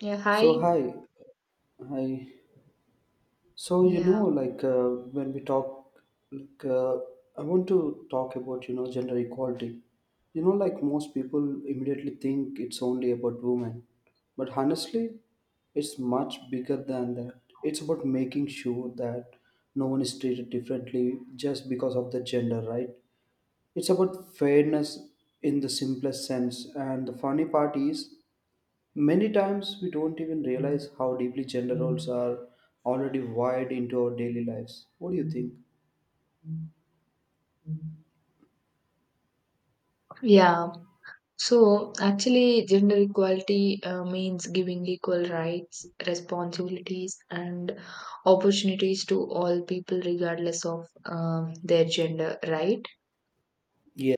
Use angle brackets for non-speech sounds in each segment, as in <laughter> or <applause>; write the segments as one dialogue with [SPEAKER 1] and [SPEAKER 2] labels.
[SPEAKER 1] Yeah,
[SPEAKER 2] So
[SPEAKER 1] hi.
[SPEAKER 2] hi, hi. So
[SPEAKER 1] Yeah,
[SPEAKER 2] like, when we talk, like, I want to talk about gender equality. Like most people immediately think it's only about women, but honestly, it's much bigger than that. It's about making sure that no one is treated differently just because of the gender, right? It's about fairness in the simplest sense. And the funny part is, many times we don't even realize how deeply gender roles are already wired into our daily lives. What do you think?
[SPEAKER 1] yeah. So actually, gender equality means giving equal rights, responsibilities, and opportunities to all people, regardless of their gender, right?
[SPEAKER 2] Yeah.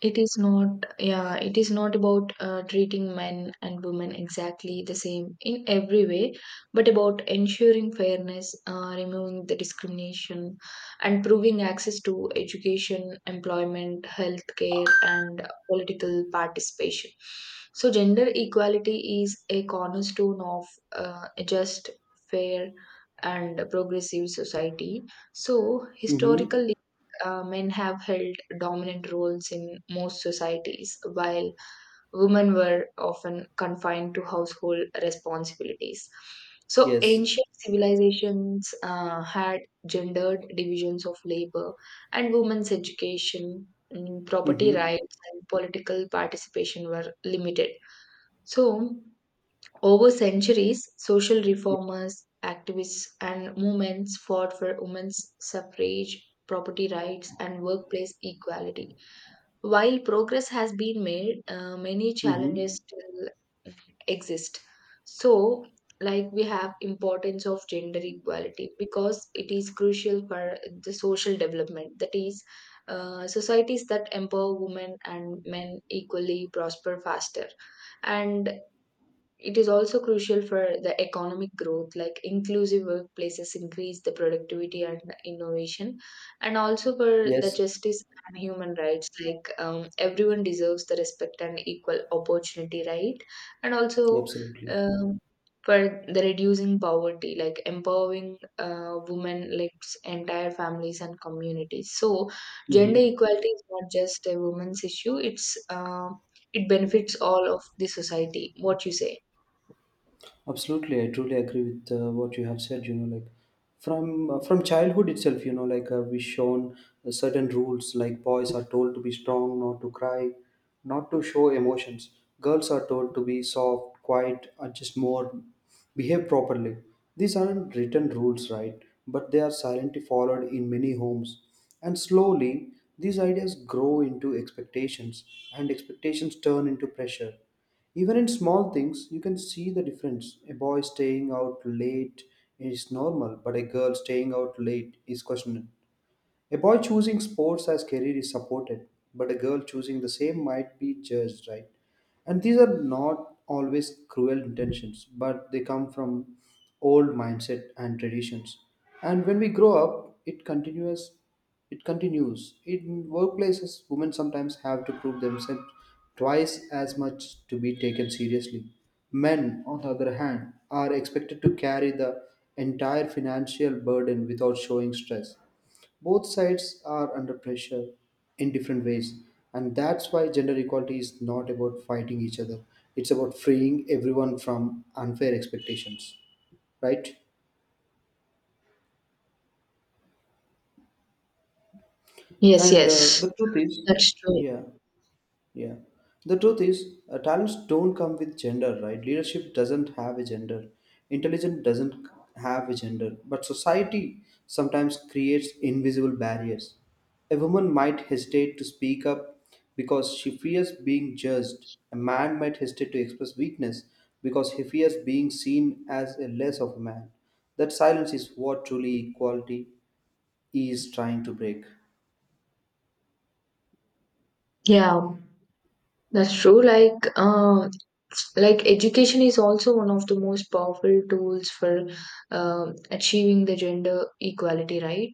[SPEAKER 1] It is not, yeah, it is not about treating men and women exactly the same in every way, but about ensuring fairness, removing the discrimination, and proving access to education, employment, healthcare, and political participation. So, gender equality is a cornerstone of a just, fair, and progressive society. So,
[SPEAKER 2] Mm-hmm.
[SPEAKER 1] historical men have held dominant roles in most societies, while women were often confined to household responsibilities. So,
[SPEAKER 2] Yes.
[SPEAKER 1] ancient civilizations had gendered divisions of labor, and women's education, property
[SPEAKER 2] Mm-hmm.
[SPEAKER 1] rights, and political participation were limited. So, over centuries, social
[SPEAKER 2] Yeah.
[SPEAKER 1] reformers, activists, and movements fought for women's suffrage, property rights, and workplace equality. While progress has been made, many challenges
[SPEAKER 2] Mm-hmm.
[SPEAKER 1] still exist. So, like we have importance of gender equality because it is crucial for the social development. That is, societies that empower women and men equally prosper faster and it is also crucial for the economic growth, like inclusive workplaces increase the productivity and innovation, and also for the
[SPEAKER 2] Yes.
[SPEAKER 1] justice and human rights, like everyone deserves the respect and equal opportunity, right? And also
[SPEAKER 2] Absolutely.
[SPEAKER 1] um, for the reducing poverty, like empowering women, like entire families and communities. So, gender
[SPEAKER 2] Mm-hmm.
[SPEAKER 1] equality is not just a woman's issue; it benefits all of the society. What you say?
[SPEAKER 2] Absolutely, I truly agree with what you have said. Like, from childhood itself, like, we shown certain rules. Like boys are told to be strong, not to cry, not to show emotions. Girls are told to be soft, quiet, and just more behave properly. These aren't written rules, right? But they are silently followed in many homes, and slowly these ideas grow into expectations, and expectations turn into pressure. Even in small things, you can see the difference. A boy staying out late is normal, but a girl staying out late is questionable. A boy choosing sports as career is supported, but a girl choosing the same might be judged, right? And these are not always cruel intentions, but they come from old mindset and traditions. And when we grow up, it continues. It continues. In workplaces, women sometimes have to prove themselves twice as much to be taken seriously. Men, on the other hand, are expected to carry the entire financial burden without showing stress. Both sides are under pressure in different ways, and that's why gender equality is not about fighting each other. It's about freeing everyone from unfair expectations, right?
[SPEAKER 1] Yes,
[SPEAKER 2] And
[SPEAKER 1] yes,
[SPEAKER 2] the truth is,
[SPEAKER 1] that's true.
[SPEAKER 2] yeah. Yeah. The truth is, talents don't come with gender, right? Leadership doesn't have a gender. Intelligence doesn't have a gender. But society sometimes creates invisible barriers. A woman might hesitate to speak up because she fears being judged. A man might hesitate to express weakness because he fears being seen as a less of a man. That silence is what truly equality is trying to break.
[SPEAKER 1] Yeah, that's true. Like education is also one of the most powerful tools for achieving the gender equality, right?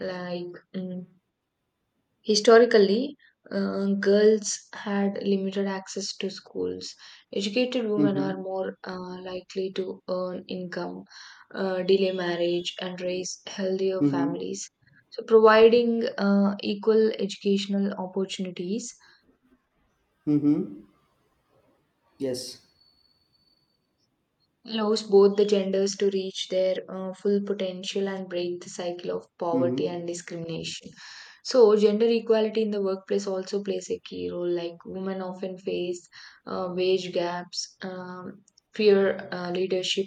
[SPEAKER 1] Like, mm, Historically, girls had limited access to schools. Educated women are
[SPEAKER 2] Mm-hmm.
[SPEAKER 1] more likely to earn income, delay marriage, and raise healthier
[SPEAKER 2] Mm-hmm.
[SPEAKER 1] families. So, providing equal educational opportunities
[SPEAKER 2] Mm-hmm. Yes.
[SPEAKER 1] allows both the genders to reach their full potential and break the cycle of poverty
[SPEAKER 2] Mm-hmm.
[SPEAKER 1] and discrimination. So, gender equality in the workplace also plays a key role. Like, women often face wage gaps, fear leadership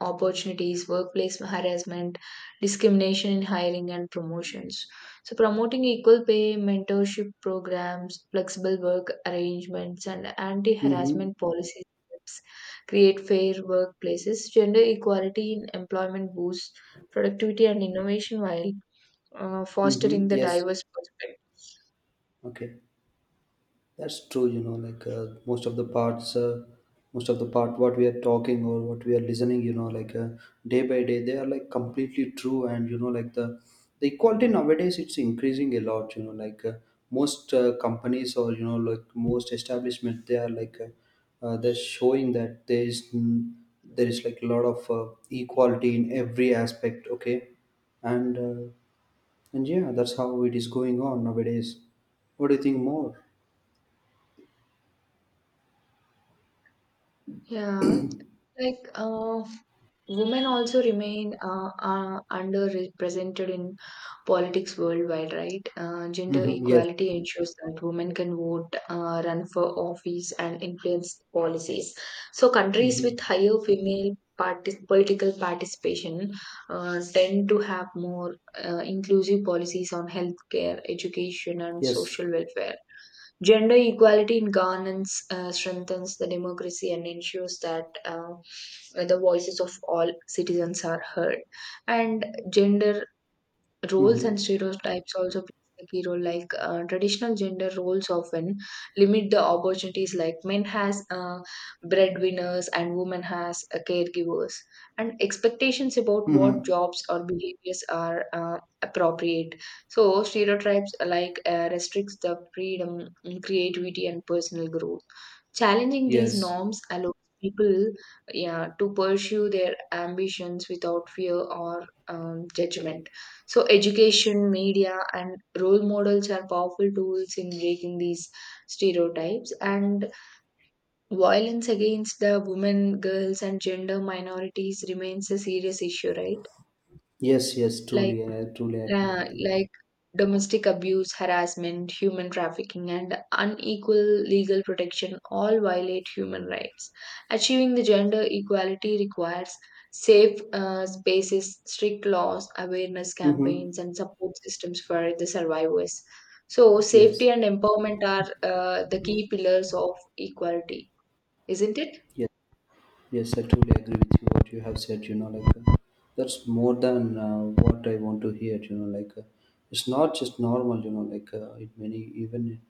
[SPEAKER 1] opportunities, workplace harassment, discrimination in hiring and promotions. So, promoting equal pay, mentorship programs, flexible work arrangements, and anti
[SPEAKER 2] Mm-hmm.
[SPEAKER 1] harassment policies create fair workplaces. Gender equality in employment boosts productivity and innovation while
[SPEAKER 2] Mm-hmm.
[SPEAKER 1] fostering the
[SPEAKER 2] Yes.
[SPEAKER 1] diverse perspective.
[SPEAKER 2] Okay. That's true. Like, most of the most of the part what we are talking or what we are listening, like, day by day, they are like completely true. And like, the equality nowadays, it's increasing a lot. Like, most companies or like most establishment, they are like they're showing that there is like a lot of equality in every aspect. Okay, and uh, and yeah, that's how it is going on nowadays. What do you think more?
[SPEAKER 1] Yeah, like Women also remain underrepresented in politics worldwide, right? Gender
[SPEAKER 2] Hmm. Yes.
[SPEAKER 1] equality ensures that women can vote, run for office, and influence policies. So, countries
[SPEAKER 2] Hmm.
[SPEAKER 1] with higher female political participation tend to have more inclusive policies on healthcare, education, and
[SPEAKER 2] Yes.
[SPEAKER 1] social welfare. Gender equality in governance strengthens the democracy and ensures that the voices of all citizens are heard. And gender roles and
[SPEAKER 2] Hmm.
[SPEAKER 1] stereotypes also plays a key role like traditional gender roles often limit the opportunities like men has breadwinners and women has caregivers and expectations about what
[SPEAKER 2] Hmm.
[SPEAKER 1] jobs or behaviors are appropriate. So stereotypes restricts the freedom, creativity and personal growth. Challenging these
[SPEAKER 2] Yes.
[SPEAKER 1] norms allows people yeah, to pursue their ambitions without fear or judgment. So, education, media, and role models are powerful tools in breaking these stereotypes. And violence against the women, girls, and gender minorities remains a serious issue, right?
[SPEAKER 2] Yes. Yes.
[SPEAKER 1] Like,
[SPEAKER 2] Truly, I truly accept with you.
[SPEAKER 1] like domestic abuse, harassment, human trafficking, and unequal legal protection all violate human rights. Achieving the gender equality requires safe spaces, strict laws, awareness
[SPEAKER 2] Hmm.
[SPEAKER 1] campaigns, and support systems for the survivors. So,
[SPEAKER 2] Yes.
[SPEAKER 1] safety and empowerment are the key pillars of equality, isn't it?
[SPEAKER 2] Yes. Yes, I truly agree with you what you have said. Like, that's more than what I want to hear. Like, it's not just normal. Like, in many, even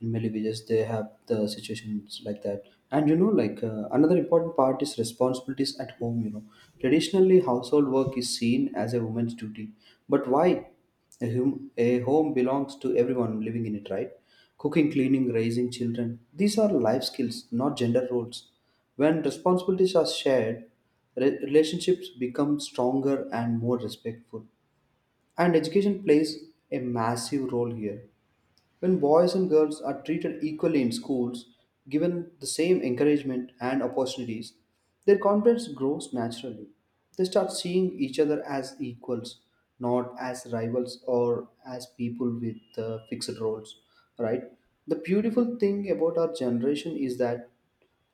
[SPEAKER 2] in many villages they have the situations like that. And like, another important part is responsibilities at home. Traditionally household work is seen as a woman's duty, but why? A home belongs to everyone living in it, right? Cooking, cleaning, raising children. These are life skills, not gender roles. When responsibilities are shared, relationships become stronger and more respectful. And education plays a massive role here. When boys and girls are treated equally in schools, given the same encouragement and opportunities, their confidence grows naturally. They start seeing each other as equals, not as rivals or as people with fixed roles, right? The beautiful thing about our generation is that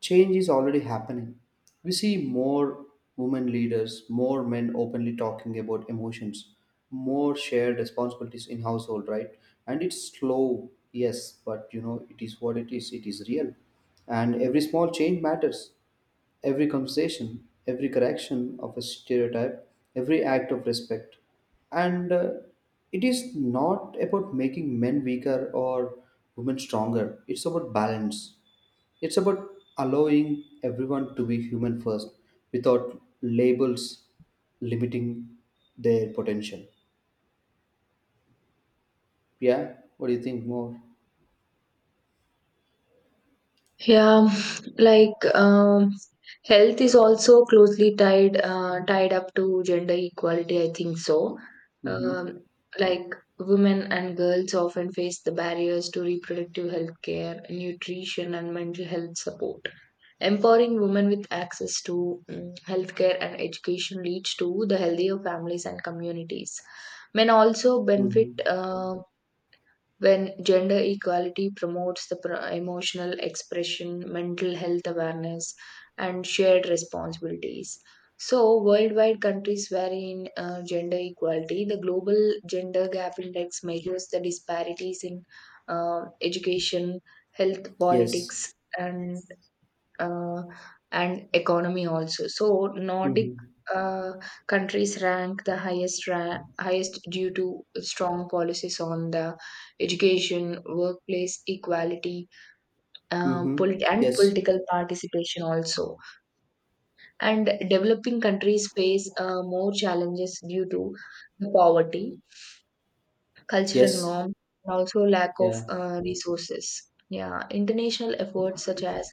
[SPEAKER 2] change is already happening. We see more women leaders, more men openly talking about emotions, more shared responsibilities in household, right? And it's slow, yes, but you know, it is what it is. It is real. And every small change matters. Every conversation, every correction of a stereotype, every act of respect. And it is not about making men weaker or women stronger. It's about balance, it's about allowing everyone to be human first, without labels limiting their potential. Yeah, what do you think more?
[SPEAKER 1] Yeah, like health is also closely tied up to gender equality. I think so.
[SPEAKER 2] Mm-hmm.
[SPEAKER 1] Um, like women and girls often face the barriers to reproductive health care, nutrition, and mental health support. Empowering women with access to healthcare and education leads to the healthier families and communities. Men also benefit
[SPEAKER 2] Mm-hmm.
[SPEAKER 1] when gender equality promotes the emotional expression, mental health awareness, and shared responsibilities. So, worldwide countries vary in gender equality. The Global Gender Gap Index measures the disparities in education, health,
[SPEAKER 2] Yes.
[SPEAKER 1] politics, and uh, and economy also. So Nordic
[SPEAKER 2] Mm-hmm.
[SPEAKER 1] uh, countries rank the highest due to strong policies on the education, workplace equality,
[SPEAKER 2] Mm-hmm.
[SPEAKER 1] and
[SPEAKER 2] Yes.
[SPEAKER 1] political participation also. And developing countries face more challenges due to the poverty, cultural
[SPEAKER 2] Yes.
[SPEAKER 1] norms, and also lack of
[SPEAKER 2] Yeah.
[SPEAKER 1] resources. Yeah, international efforts such as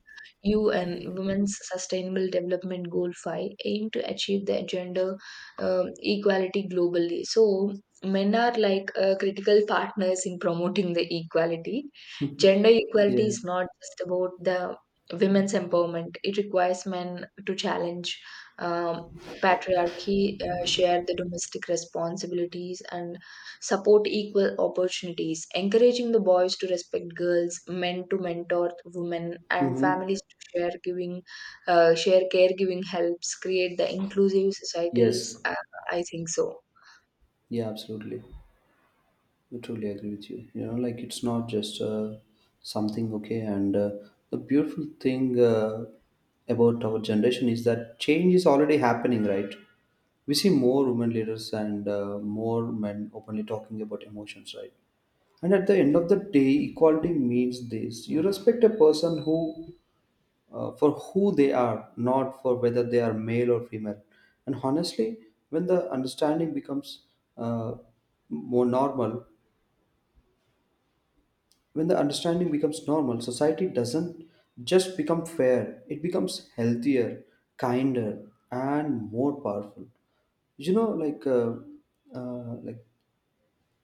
[SPEAKER 1] UN Women's Sustainable Development Goal 5 aim to achieve the gender um equality globally. So, men are like critical partners in promoting the equality. Gender equality
[SPEAKER 2] Yeah.
[SPEAKER 1] is not just about the women's empowerment, it requires men to challenge um, patriarchy, share the domestic responsibilities, and support equal opportunities, encouraging the boys to respect girls, men to mentor women, and
[SPEAKER 2] Mm-hmm.
[SPEAKER 1] families to share caregiving helps create the inclusive societies.
[SPEAKER 2] Yes.
[SPEAKER 1] I think so.
[SPEAKER 2] Yeah, absolutely. I truly agree with you. Like, it's not just something okay. And the beautiful thing about our generation is that change is already happening, right? We see more women leaders and more men openly talking about emotions, right? And at the end of the day, equality means this: you respect a person who, for who they are, not for whether they are male or female. And honestly, when the understanding becomes uh, more normal, when the understanding becomes normal, society doesn't just become fair, it becomes healthier, kinder, and more powerful. Like, like,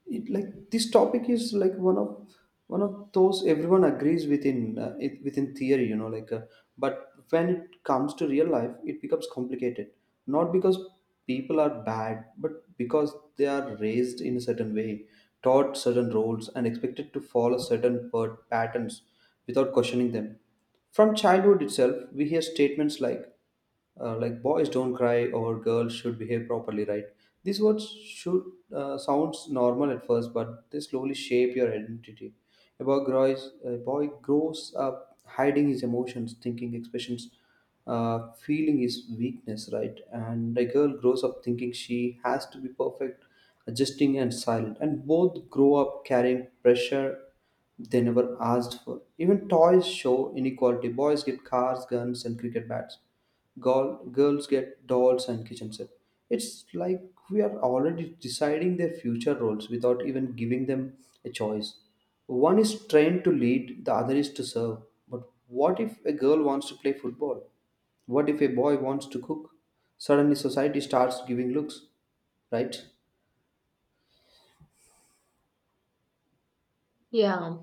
[SPEAKER 2] it like this topic is like one of those everyone agrees within, it, within theory, like, but when it comes to real life, it becomes complicated, not because people are bad but because they are raised in a certain way, taught certain roles, and expected to follow certain patterns without questioning them. From childhood itself we hear statements like, like, boys don't cry or girls should behave properly, right? These words should, sounds normal at first, but they slowly shape your identity. A boy grows up hiding his emotions, thinking expressions, uh, feeling is weakness, right? And a girl grows up thinking she has to be perfect, adjusting and silent, and both grow up carrying pressure they never asked for. Even toys show inequality. Boys get cars, guns, and cricket bats. Girls get dolls and kitchen set. It's like we are already deciding their future roles without even giving them a choice. One is trained to lead, the other is to serve. But what if a girl wants to play football? What if a boy wants to cook? Suddenly, society starts giving looks, right?
[SPEAKER 1] Yeah,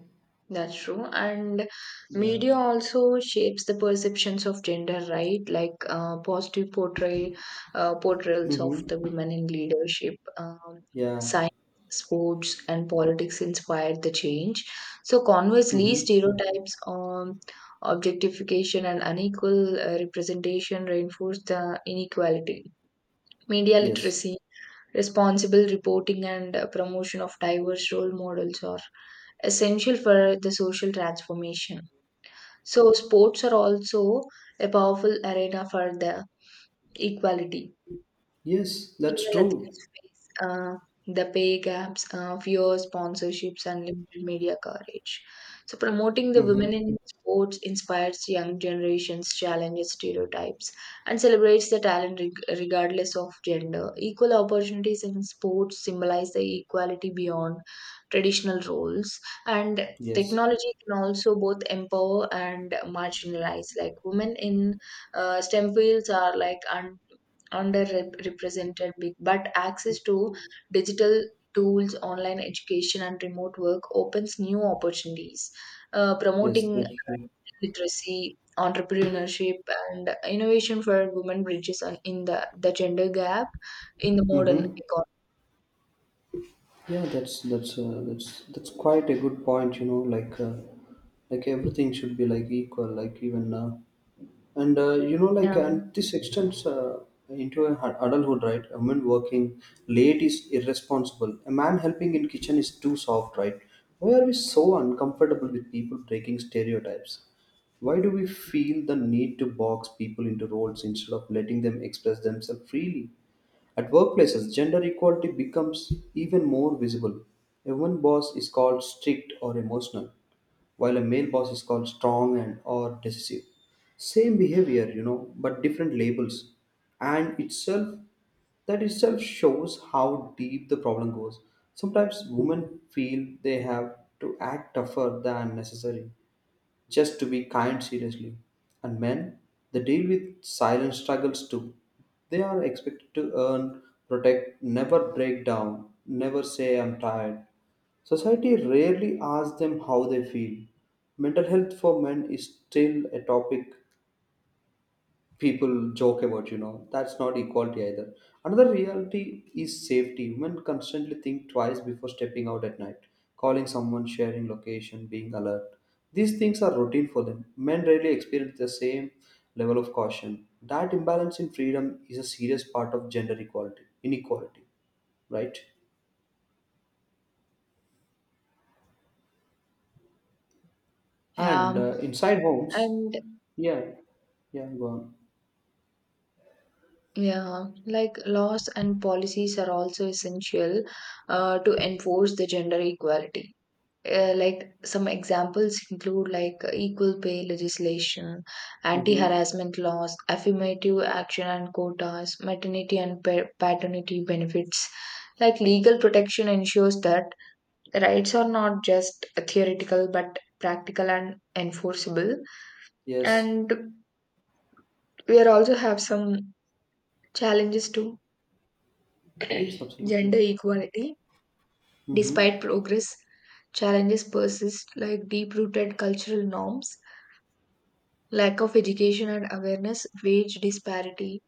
[SPEAKER 1] that's true. And
[SPEAKER 2] Yeah.
[SPEAKER 1] media also shapes the perceptions of gender, right? Like positive portrayals of the
[SPEAKER 2] Mm-hmm.
[SPEAKER 1] women in leadership,
[SPEAKER 2] Yeah.
[SPEAKER 1] science, sports, and politics inspired the change. So conversely,
[SPEAKER 2] Mm-hmm.
[SPEAKER 1] stereotypes on objectification and unequal representation reinforce the inequality. Media
[SPEAKER 2] Yes.
[SPEAKER 1] literacy, responsible reporting and promotion of diverse role models are essential for the social transformation. So, sports are also a powerful arena for the equality.
[SPEAKER 2] Yes, that's
[SPEAKER 1] Female
[SPEAKER 2] true.
[SPEAKER 1] athletes face the pay gaps, fewer sponsorships, and limited media coverage. So, promoting the
[SPEAKER 2] Mm-hmm.
[SPEAKER 1] women in sports inspires young generations, challenges stereotypes, and celebrates the talent regardless of gender. Equal opportunities in sports symbolize the equality beyond traditional roles, and
[SPEAKER 2] Yes.
[SPEAKER 1] technology can also both empower and marginalize. Like women in STEM fields are like underrepresented big, but access to digital tools, online education and remote work opens new opportunities,
[SPEAKER 2] Yes,
[SPEAKER 1] promoting
[SPEAKER 2] that's true.
[SPEAKER 1] literacy, entrepreneurship and innovation for women bridges the gender gap in the modern
[SPEAKER 2] Mm-hmm.
[SPEAKER 1] economy.
[SPEAKER 2] Yeah, that's quite a good point. Like, like everything should be like equal, like even, and like,
[SPEAKER 1] yeah
[SPEAKER 2] and this extends into adulthood, right? A woman working late is irresponsible. A man helping in kitchen is too soft, right? Why are we so uncomfortable with people breaking stereotypes? Why do we feel the need to box people into roles instead of letting them express themselves freely? At workplaces, gender equality becomes even more visible. A woman boss is called strict or emotional, while a male boss is called strong and or decisive. Same behavior, you know, but different labels. And itself shows how deep the problem goes. Sometimes women feel they have to act tougher than necessary just to be kind seriously. And men, they deal with silent struggles too. They are expected to earn, protect, never break down, never say I'm tired. Society rarely asks them how they feel. Mental health for men is still a topic people joke about, you know, that's not equality either. Another reality is safety. Women constantly think twice before stepping out at night, calling someone, sharing location, being alert. These things are routine for them. Men rarely experience the same level of caution. That imbalance in freedom is a serious part of gender equality inequality, right? And
[SPEAKER 1] yeah
[SPEAKER 2] inside homes.
[SPEAKER 1] and
[SPEAKER 2] Yeah. Yeah, go on.
[SPEAKER 1] yeah, like laws and policies are also essential to enforce the gender equality. Like some examples include like equal pay legislation,
[SPEAKER 2] Mm-hmm.
[SPEAKER 1] anti-harassment laws, affirmative action and quotas, maternity and paternity benefits. Like legal protection ensures that rights are not just theoretical but practical and enforceable.
[SPEAKER 2] Yes.
[SPEAKER 1] And we are also have some challenges to
[SPEAKER 2] Yes,
[SPEAKER 1] <clears throat>
[SPEAKER 2] absolutely.
[SPEAKER 1] gender equality.
[SPEAKER 2] Mm-hmm.
[SPEAKER 1] Despite progress, challenges persist like deep-rooted cultural norms, lack of education and awareness, wage disparity,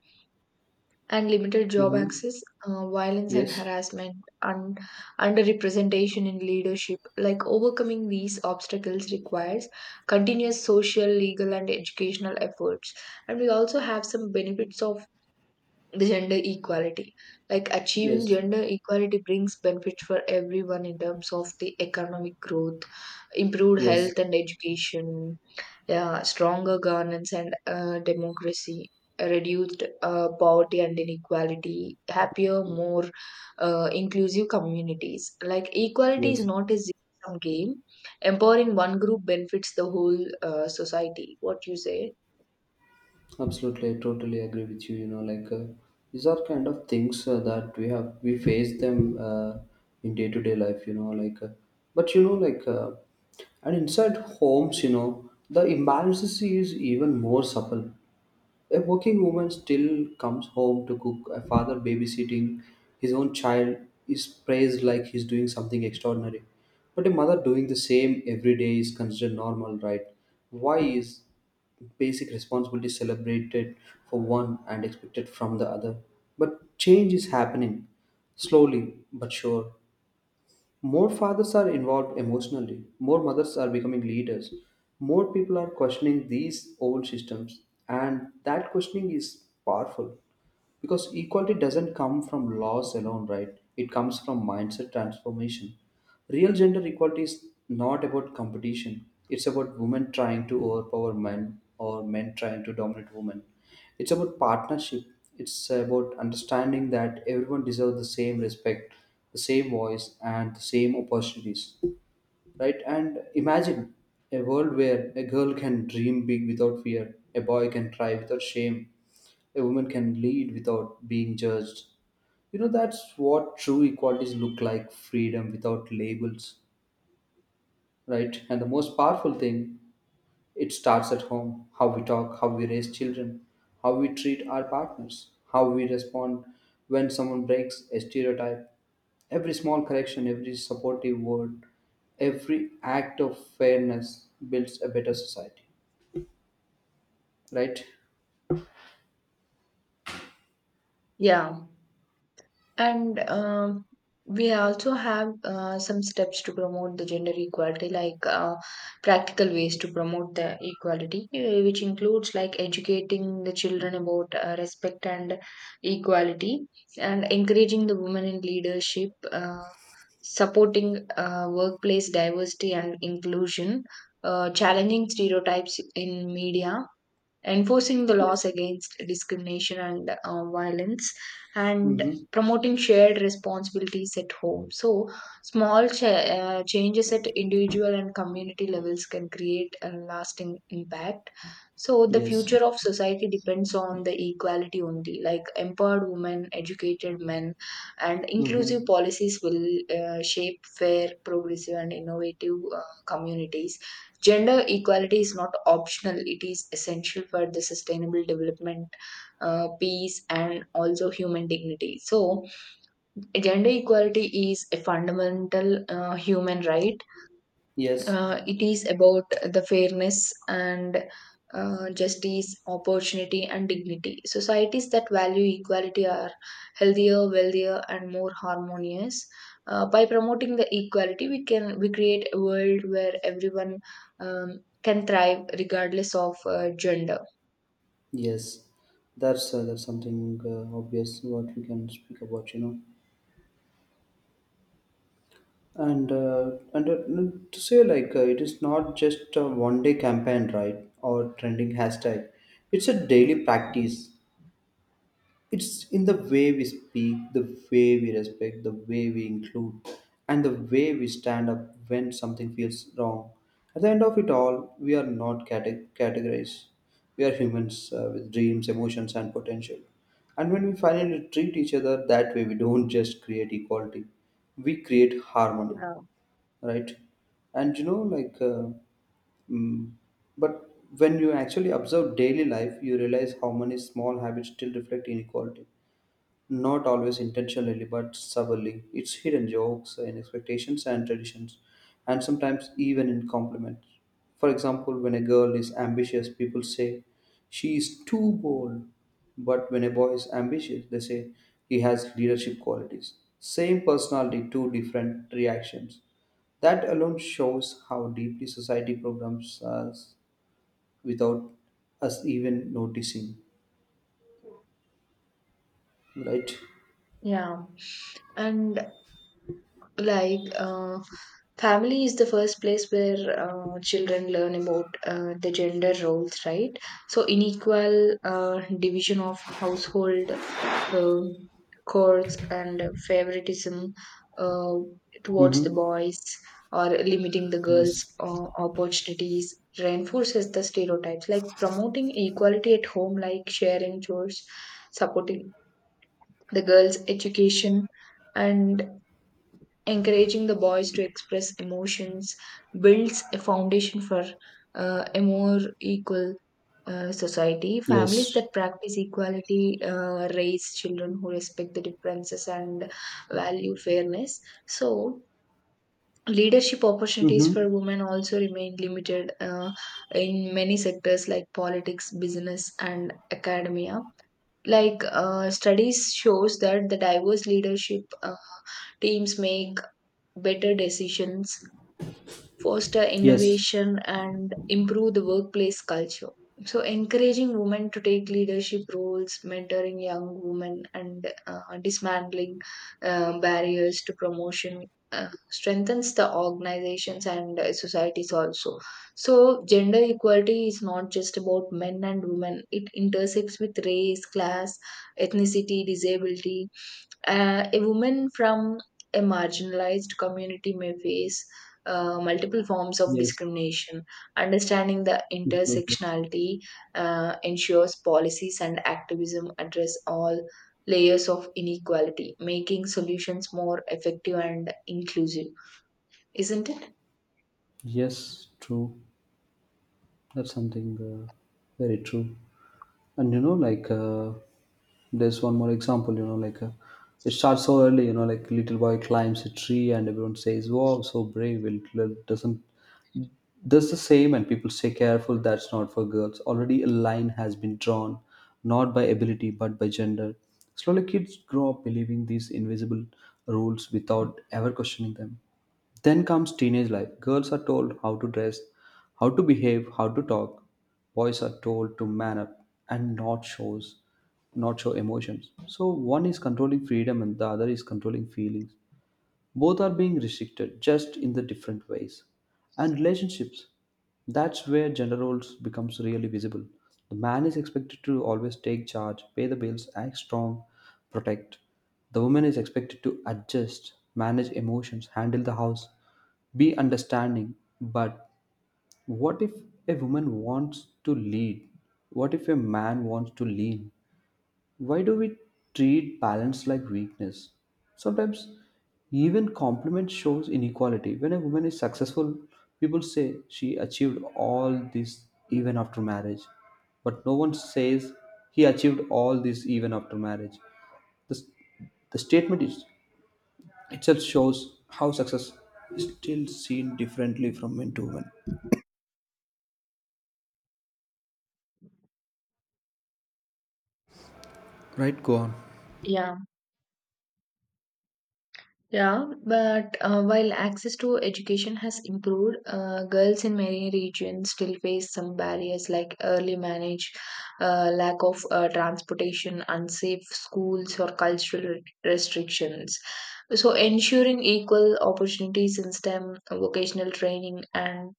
[SPEAKER 1] and limited job
[SPEAKER 2] Mm-hmm.
[SPEAKER 1] access, violence and
[SPEAKER 2] Yes.
[SPEAKER 1] harassment, and underrepresentation in leadership. Like overcoming these obstacles requires continuous social, legal, and educational efforts. And we also have some benefits of the gender equality. Like achieving
[SPEAKER 2] Yes.
[SPEAKER 1] gender equality brings benefits for everyone in terms of the economic growth, improved health
[SPEAKER 2] Yes,
[SPEAKER 1] and education, yeah, stronger governance and democracy, reduced poverty and inequality, happier, more inclusive communities. Like equality is
[SPEAKER 2] yes,
[SPEAKER 1] not a zero-sum game. Empowering one group benefits the whole society. What you say?
[SPEAKER 2] absolutely. I totally agree with you. Like, these are kind of things that we face them in day to day life. Like, but, like, and inside homes, the imbalances is even more subtle. A working woman still comes home to cook, a father babysitting his own child is praised like he's doing something extraordinary. But a mother doing the same every day is considered normal, right? Why is basic responsibility celebrated for one and expected from the other? But change is happening slowly but sure. More fathers are involved emotionally, more mothers are becoming leaders, more people are questioning these old systems, and that questioning is powerful. Because equality doesn't come from laws alone, right? It comes from mindset transformation. Real gender equality is not about competition, it's about women trying to overpower men or men trying to dominate women. It's about partnership, it's about understanding that everyone deserves the same respect, the same voice, and the same opportunities, right? And imagine a world where a girl can dream big without fear, a boy can try without shame, a woman can lead without being judged. That's what true equalities look like: freedom without labels, right? And the most powerful thing, it starts at home: how we talk, how we raise children, how we treat our partners, how we respond when someone breaks a stereotype. Every small correction, every supportive word, every act of fairness builds a better society, right?
[SPEAKER 1] Yeah. And we also have some steps to promote the gender equality, like practical ways to promote the equality, which includes like educating the children about respect and equality, and encouraging the women in leadership, supporting workplace diversity and inclusion, challenging stereotypes in media, enforcing the laws
[SPEAKER 2] Yes.
[SPEAKER 1] against discrimination and violence, and
[SPEAKER 2] Mm-hmm.
[SPEAKER 1] promoting shared responsibilities at home. So small changes at individual and community levels can create a lasting impact. So the
[SPEAKER 2] Yes.
[SPEAKER 1] future of society depends on the equality only, like empowered women, educated men and inclusive
[SPEAKER 2] Mm-hmm.
[SPEAKER 1] policies will shape fair, progressive and innovative communities. Gender equality is not optional, it is essential for the sustainable development, peace, and also human dignity. So, gender equality is a fundamental human right.
[SPEAKER 2] Yes.
[SPEAKER 1] It is about the fairness and justice, opportunity, and dignity. Societies that value equality are healthier, wealthier, and more harmonious. By promoting the equality, we create a world where everyone can thrive regardless of gender.
[SPEAKER 2] Yes, that's something obvious what we can speak about, you know. To say like it is not just a one day campaign, right? Or trending hashtag. It's a daily practice. It's in the way we speak, the way we respect, the way we include, and the way we stand up when something feels wrong. At the end of it all, we are not categorized. We are humans with dreams, emotions, and potential. And when we finally treat each other that way, we don't just create equality, we create harmony, right? And mm, but when you actually observe daily life, you realize how many small habits still reflect inequality, not always intentionally but subtly. It's hidden, jokes in expectations and traditions, and sometimes even in compliments. For example, when a girl is ambitious, people say she is too bold. But when a boy is ambitious, they say he has leadership qualities. Same personality, two different reactions. That alone shows how deeply society programs us without us even noticing, right?
[SPEAKER 1] Yeah, and like family is the first place where children learn about the gender roles, right? So, unequal division of household uh, chores and favoritism uh, towards the
[SPEAKER 2] Mm-hmm.
[SPEAKER 1] boys or limiting the girls'
[SPEAKER 2] Yes.
[SPEAKER 1] opportunities reinforces the stereotypes, like promoting equality at home, like sharing chores, supporting the girls' education, and encouraging the boys to express emotions builds a foundation for a more equal society. Families
[SPEAKER 2] Yes.
[SPEAKER 1] that practice equality raise children who respect the differences and value fairness. So, leadership opportunities
[SPEAKER 2] Mm-hmm.
[SPEAKER 1] for women also remain limited in many sectors like politics, business, and academia. Like studies shows that the diverse leadership teams make better decisions, foster
[SPEAKER 2] Yes,
[SPEAKER 1] innovation, and improve the workplace culture. So, encouraging women to take leadership roles, mentoring young women, and dismantling barriers to promotion strengthens the organizations and societies also. So, gender equality is not just about men and women, it intersects with race, class, ethnicity, disability, a woman from a marginalized community may face multiple forms of
[SPEAKER 2] yes,
[SPEAKER 1] discrimination. Understanding the
[SPEAKER 2] absolutely.
[SPEAKER 1] intersectionality ensures policies and activism address all layers of inequality, making solutions more effective and inclusive. Isn't it?
[SPEAKER 2] Yes, true. That's something very true. And there's one more example. It starts so early. You know, like, little boy climbs a tree, and everyone says, "Wow, so brave!" It doesn't, does the same and people say, careful, that's not for girls. Already a line has been drawn, not by ability but by gender. Slowly kids grow up believing these invisible rules without ever questioning them. Then comes teenage life: girls are told how to dress, how to behave, how to talk, boys are told to man up and not shows, not show emotions. So one is controlling freedom and the other is controlling feelings. Both are being restricted, just in the different ways. And relationships, that's where gender roles becomes really visible. The man is expected to always take charge, pay the bills, act strong, protect. The woman is expected to adjust, manage emotions, handle the house, be understanding. But what if a woman wants to lead? What if a man wants to lean? Why do we treat balance like weakness? Sometimes even compliment shows inequality. When a woman is successful, people say she achieved all this even after marriage. But no one says he achieved all this even after marriage. The, the statement is, itself shows how success is still seen differently from men to women. Right, go on.
[SPEAKER 1] Yeah. Yeah, but while access to education has improved, girls in many regions still face some barriers like early marriage, lack of transportation, unsafe schools, or cultural restrictions. So, ensuring equal opportunities in STEM, vocational training, and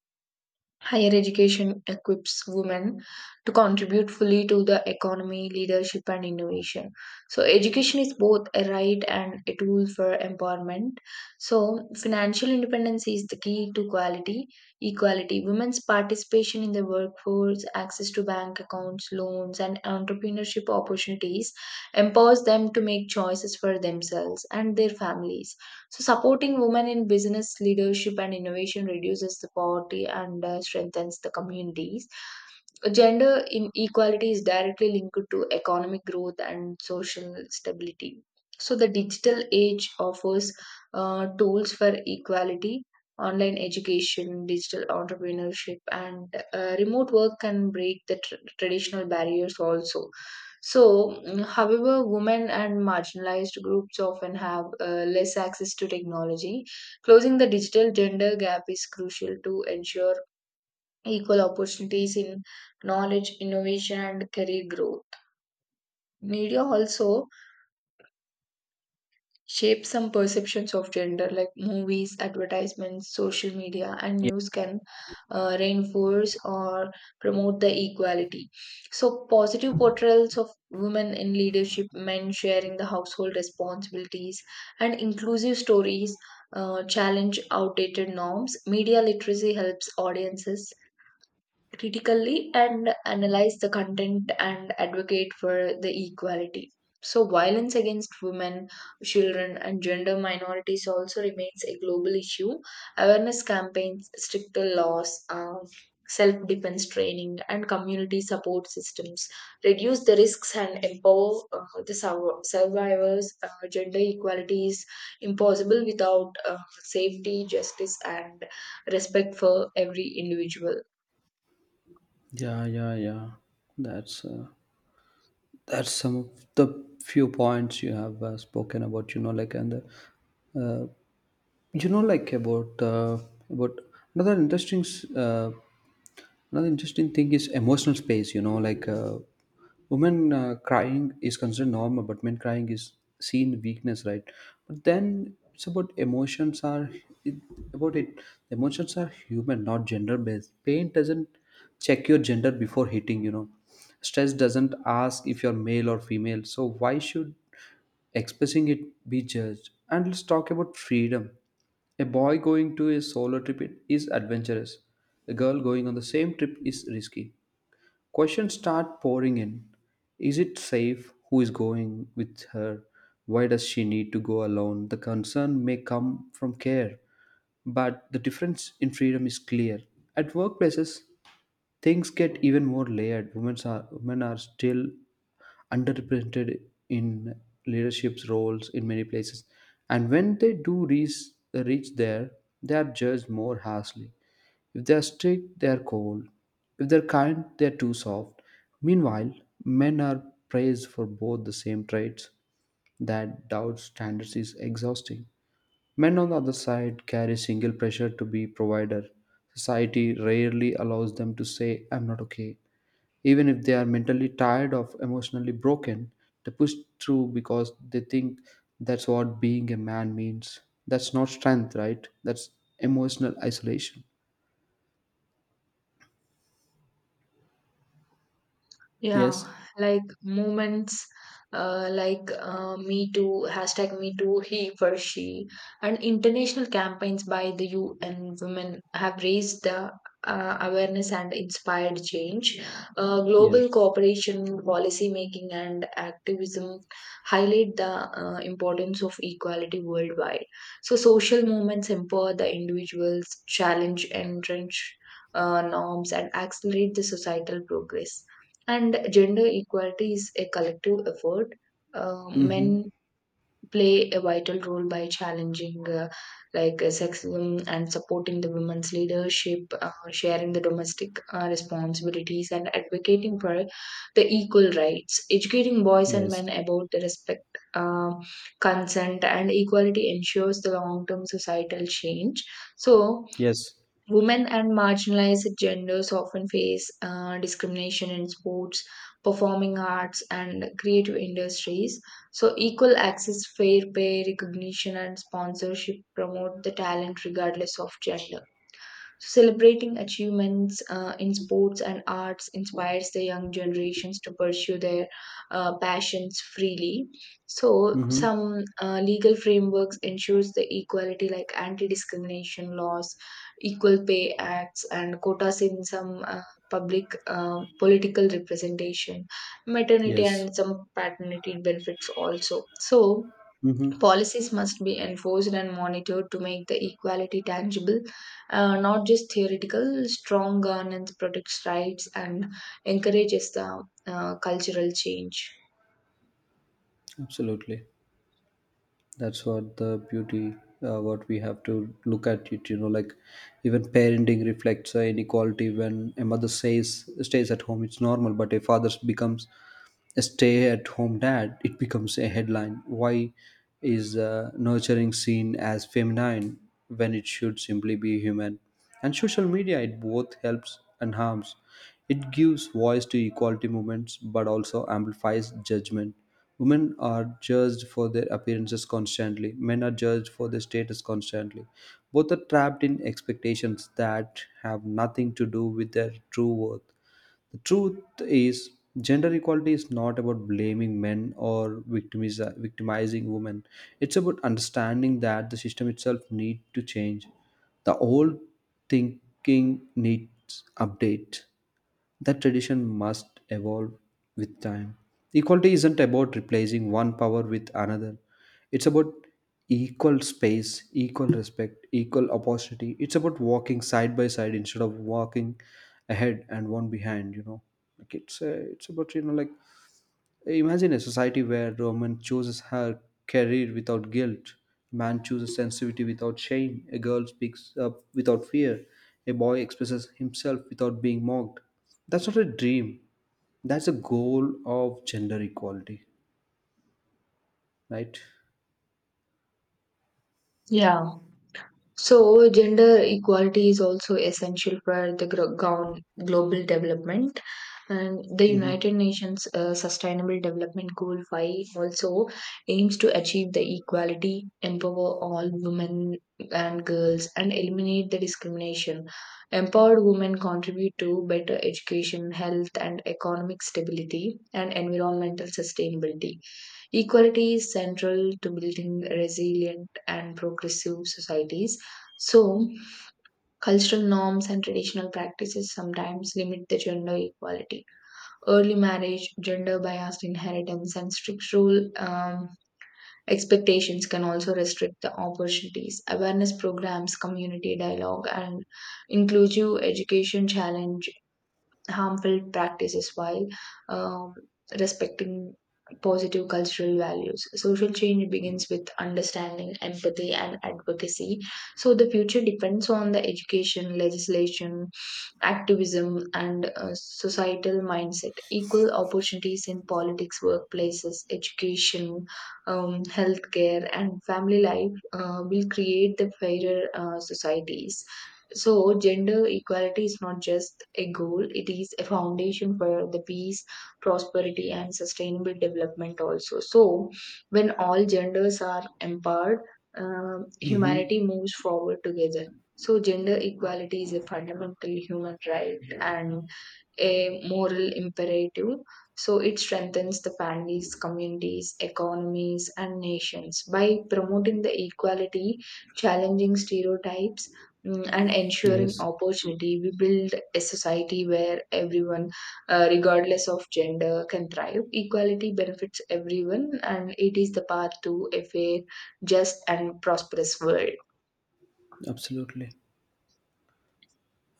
[SPEAKER 1] higher education equips women to contribute fully to the economy, leadership, and innovation. So, education is both a right and a tool for empowerment. So, financial independence is the key to quality equality. Women's participation in the workforce, access to bank accounts, loans, and entrepreneurship opportunities empowers them to make choices for themselves and their families. So, supporting women in business leadership and innovation reduces the poverty and strengthens the communities. Gender inequality is directly linked to economic growth and social stability. So, the digital age offers tools for equality. Online education, digital entrepreneurship, and remote work can break the traditional barriers also. So, however, women and marginalized groups often have less access to technology. Closing the digital gender gap is crucial to ensure equal opportunities in knowledge, innovation, and career growth. Media also shape some perceptions of gender, like movies, advertisements, social media, and news can reinforce or promote the equality. So positive portrayals of women in leadership, men sharing the household responsibilities, and inclusive stories challenge outdated norms. Media literacy helps audiences critically and analyze the content and advocate for the equality. So, violence against women, children, and gender minorities also remains a global issue. Awareness campaigns, stricter laws, self defense training, and community support systems reduce the risks and empower the survivors. Gender equality is impossible without safety, justice, and respect for every individual.
[SPEAKER 2] Yeah, yeah, yeah. That's uh, that's some of the few points you have spoken about, you know like and uh, you know like about another interesting another interesting thing is emotional space. Women crying is considered normal, but men crying is seen weakness, right? But then it's about emotions are it, about it. Emotions are human, not gender based. Pain doesn't check your gender before hitting. You know, stress doesn't ask if you're male or female. So why should expressing it be judged? And let's talk about freedom. A boy going to a solo trip is adventurous. A girl going on the same trip is risky. Questions start pouring in. Is it safe? Who is going with her? Why does she need to go alone? The concern may come from care, but the difference in freedom is clear. At workplaces, things get even more layered. Women are still underrepresented in leadership roles in many places, and when they do reach there, they are judged more harshly. If they're strict, they're cold. If they're kind, they're too soft. Meanwhile, men are praised for both the same traits. That doubt standards is exhausting. Men on the other side carry single pressure to be provider. Society rarely allows them to say, I'm not okay. Even if they are mentally tired or emotionally broken, they push through because they think that's what being a man means. That's not strength, right? That's emotional isolation.
[SPEAKER 1] Yeah,
[SPEAKER 2] Yes,
[SPEAKER 1] like movements like Me Too, hashtag Me Too, he for she, and international campaigns by the UN women have raised the awareness and inspired change.
[SPEAKER 2] yes.
[SPEAKER 1] Global cooperation, policy making, and activism highlight the importance of equality worldwide. So, social movements empower the individuals, challenge entrenched norms, and accelerate the societal progress. And gender equality is a collective effort.
[SPEAKER 2] Mm-hmm.
[SPEAKER 1] Men play a vital role by challenging sexism and supporting the women's leadership, sharing the domestic responsibilities, and advocating for the equal rights. Educating boys and men
[SPEAKER 2] Yes.
[SPEAKER 1] about the respect, uh, consent, and equality ensures the long-term societal change. So
[SPEAKER 2] Yes.
[SPEAKER 1] women and marginalized genders often face discrimination in sports, performing arts, and creative industries. So, equal access, fair pay, recognition, and sponsorship promote the talent regardless of gender. Celebrating achievements in sports and arts inspires the young generations to pursue their passions freely. So,
[SPEAKER 2] Mm-hmm.
[SPEAKER 1] some legal frameworks ensures the equality, like anti-discrimination laws, equal pay acts, and quotas in some public political representation, maternity,
[SPEAKER 2] Yes.
[SPEAKER 1] and some paternity benefits also. So,
[SPEAKER 2] Mm-hmm.
[SPEAKER 1] policies must be enforced and monitored to make the equality tangible, not just theoretical. Strong governance protects rights and encourages the cultural change.
[SPEAKER 2] Absolutely. That's what the beauty, what we have to look at it, you know, like, even parenting reflects inequality. When a mother says, stays at home, it's normal, but a father becomes stay at home dad, it becomes a headline. Why is nurturing seen as feminine when it should simply be human? And social media, it both helps and harms. It gives voice to equality movements but also amplifies judgment. Women are judged for their appearances constantly, men are judged for their status constantly. Both are trapped in expectations that have nothing to do with their true worth. The truth is, gender equality is not about blaming men or victimizing women. It's about understanding that the system itself needs to change. The old thinking needs update. That tradition must evolve with time. Equality isn't about replacing one power with another. It's about equal space, equal respect, equal opportunity. It's about walking side by side instead of walking ahead and one behind. You know, like it's about you know like imagine a society where a woman chooses her career without guilt, man chooses sensitivity without shame, a girl speaks up without fear, a boy expresses himself without being mocked. That's not a dream. That's a goal of gender equality, right?
[SPEAKER 1] Yeah. So, gender equality is also essential for the global development. And the
[SPEAKER 2] Mm-hmm.
[SPEAKER 1] United Nations Sustainable Development Goal 5 also aims to achieve the equality, empower all women and girls, and eliminate the discrimination. Empowered women contribute to better education, health, and economic stability and environmental sustainability. Equality is central to building resilient and progressive societies. So, cultural norms and traditional practices sometimes limit the gender equality. Early marriage, gender biased inheritance, and strict rule expectations can also restrict the opportunities. Awareness programs, community dialogue, and inclusive education challenge harmful practices while um, respecting positive cultural values. Social change begins with understanding, empathy, and advocacy. So the future depends on the education, legislation, activism, and a societal mindset. Equal opportunities in politics, workplaces, education, healthcare, and family life will create the fairer societies. So, gender equality is not just a goal, it is a foundation for the peace, prosperity, and sustainable development, also. So, when all genders are empowered,
[SPEAKER 2] Mm-hmm.
[SPEAKER 1] humanity moves forward together. So, gender equality is a fundamental human right and a moral imperative. So, it strengthens the families, communities, economies, and nations by promoting the equality, challenging stereotypes. And ensuring
[SPEAKER 2] Yes.
[SPEAKER 1] opportunity, we build a society where everyone, regardless of gender, can thrive. Equality benefits everyone, and it is the path to a fair, just, and prosperous world.
[SPEAKER 2] Absolutely.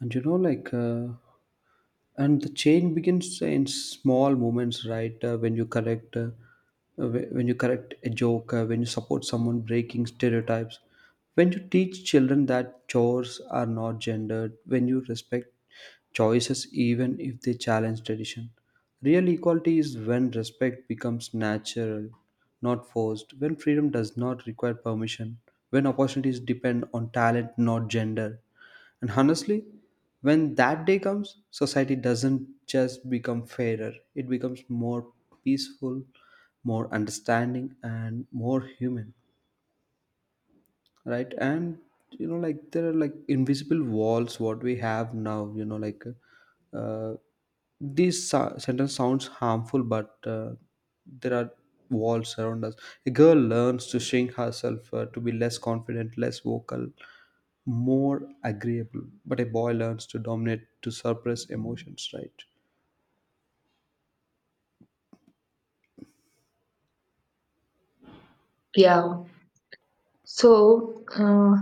[SPEAKER 2] And and the change begins in small moments, right? When you correct, when you correct a joke, when you support someone breaking stereotypes, when you teach children that chores are not gendered, when you respect choices, even if they challenge tradition. Real equality is when respect becomes natural, not forced, when freedom does not require permission, when opportunities depend on talent, not gender. And honestly, when that day comes, society doesn't just become fairer, it becomes more peaceful, more understanding, and more human, right? And there are, like, invisible walls what we have now, uh, this sentence sounds harmful, but there are walls around us. A girl learns to shrink herself, to be less confident, less vocal, more agreeable, but a boy learns to dominate, to suppress emotions, right?
[SPEAKER 1] Yeah. So, uh,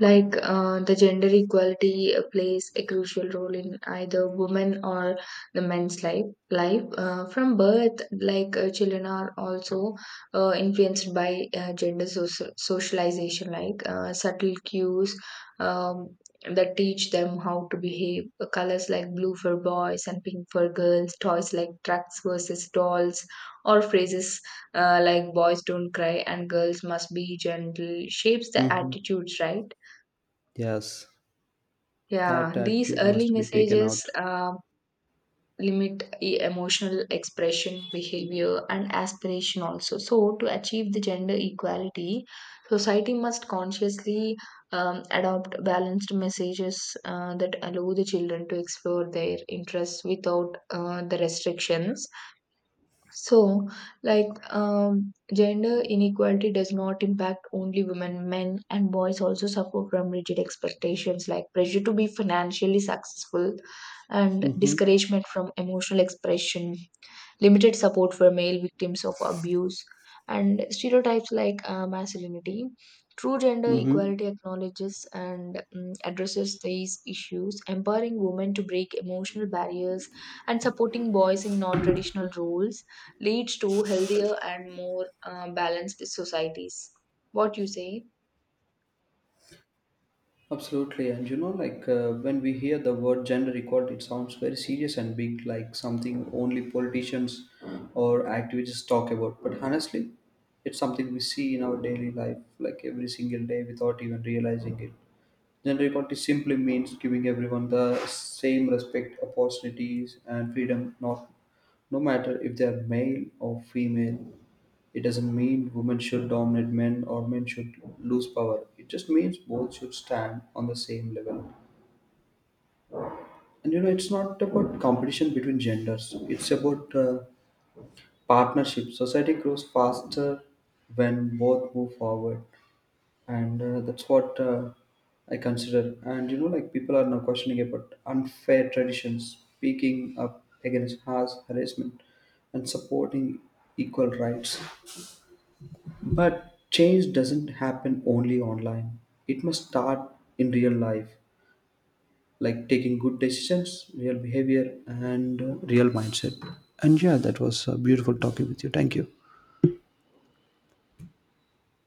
[SPEAKER 1] like uh, the gender equality plays a crucial role in either women or the men's life from birth. Like children are also influenced by gender socialization, like subtle cues um, that teach them how to behave. Colors like blue for boys and pink for girls, toys like trucks versus dolls, or phrases like boys don't cry and girls must be gentle shapes the
[SPEAKER 2] Mm-hmm.
[SPEAKER 1] attitudes, right?
[SPEAKER 2] Yes.
[SPEAKER 1] Yeah,
[SPEAKER 2] That
[SPEAKER 1] these
[SPEAKER 2] attitude
[SPEAKER 1] early
[SPEAKER 2] must be taken
[SPEAKER 1] messages
[SPEAKER 2] out.
[SPEAKER 1] limit emotional expression, behavior, and aspiration also. So, to achieve the gender equality, society must consciously adopt balanced messages that allow the children to explore their interests without the restrictions. So, like, gender inequality does not impact only women. Men and boys also suffer from rigid expectations like pressure to be financially successful and
[SPEAKER 2] Mm-hmm.
[SPEAKER 1] discouragement from emotional expression, limited support for male victims of abuse, and stereotypes like masculinity. True gender
[SPEAKER 2] Mm-hmm.
[SPEAKER 1] equality acknowledges and addresses these issues, empowering women to break emotional barriers and supporting boys in non traditional roles leads to healthier and more balanced societies. What you say?
[SPEAKER 2] Absolutely. And when we hear the word gender equality, it sounds very serious and big, like something only politicians or activists talk about. But honestly, it's something we see in our daily life, like every single day without even realizing it. Gender equality simply means giving everyone the same respect, opportunities, and freedom, not, no matter if they are male or female. It doesn't mean women should dominate men or men should lose power. It just means both should stand on the same level. And you know, it's not about competition between genders. It's about partnership. Society grows faster when both move forward, and that's what I consider. And you know, like, people are now questioning about unfair traditions, speaking up against harsh harassment, and supporting equal rights. But change doesn't happen only online. It must start in real life, like taking good decisions, real behavior, and real mindset. And yeah, that was a beautiful talking with you. Thank you.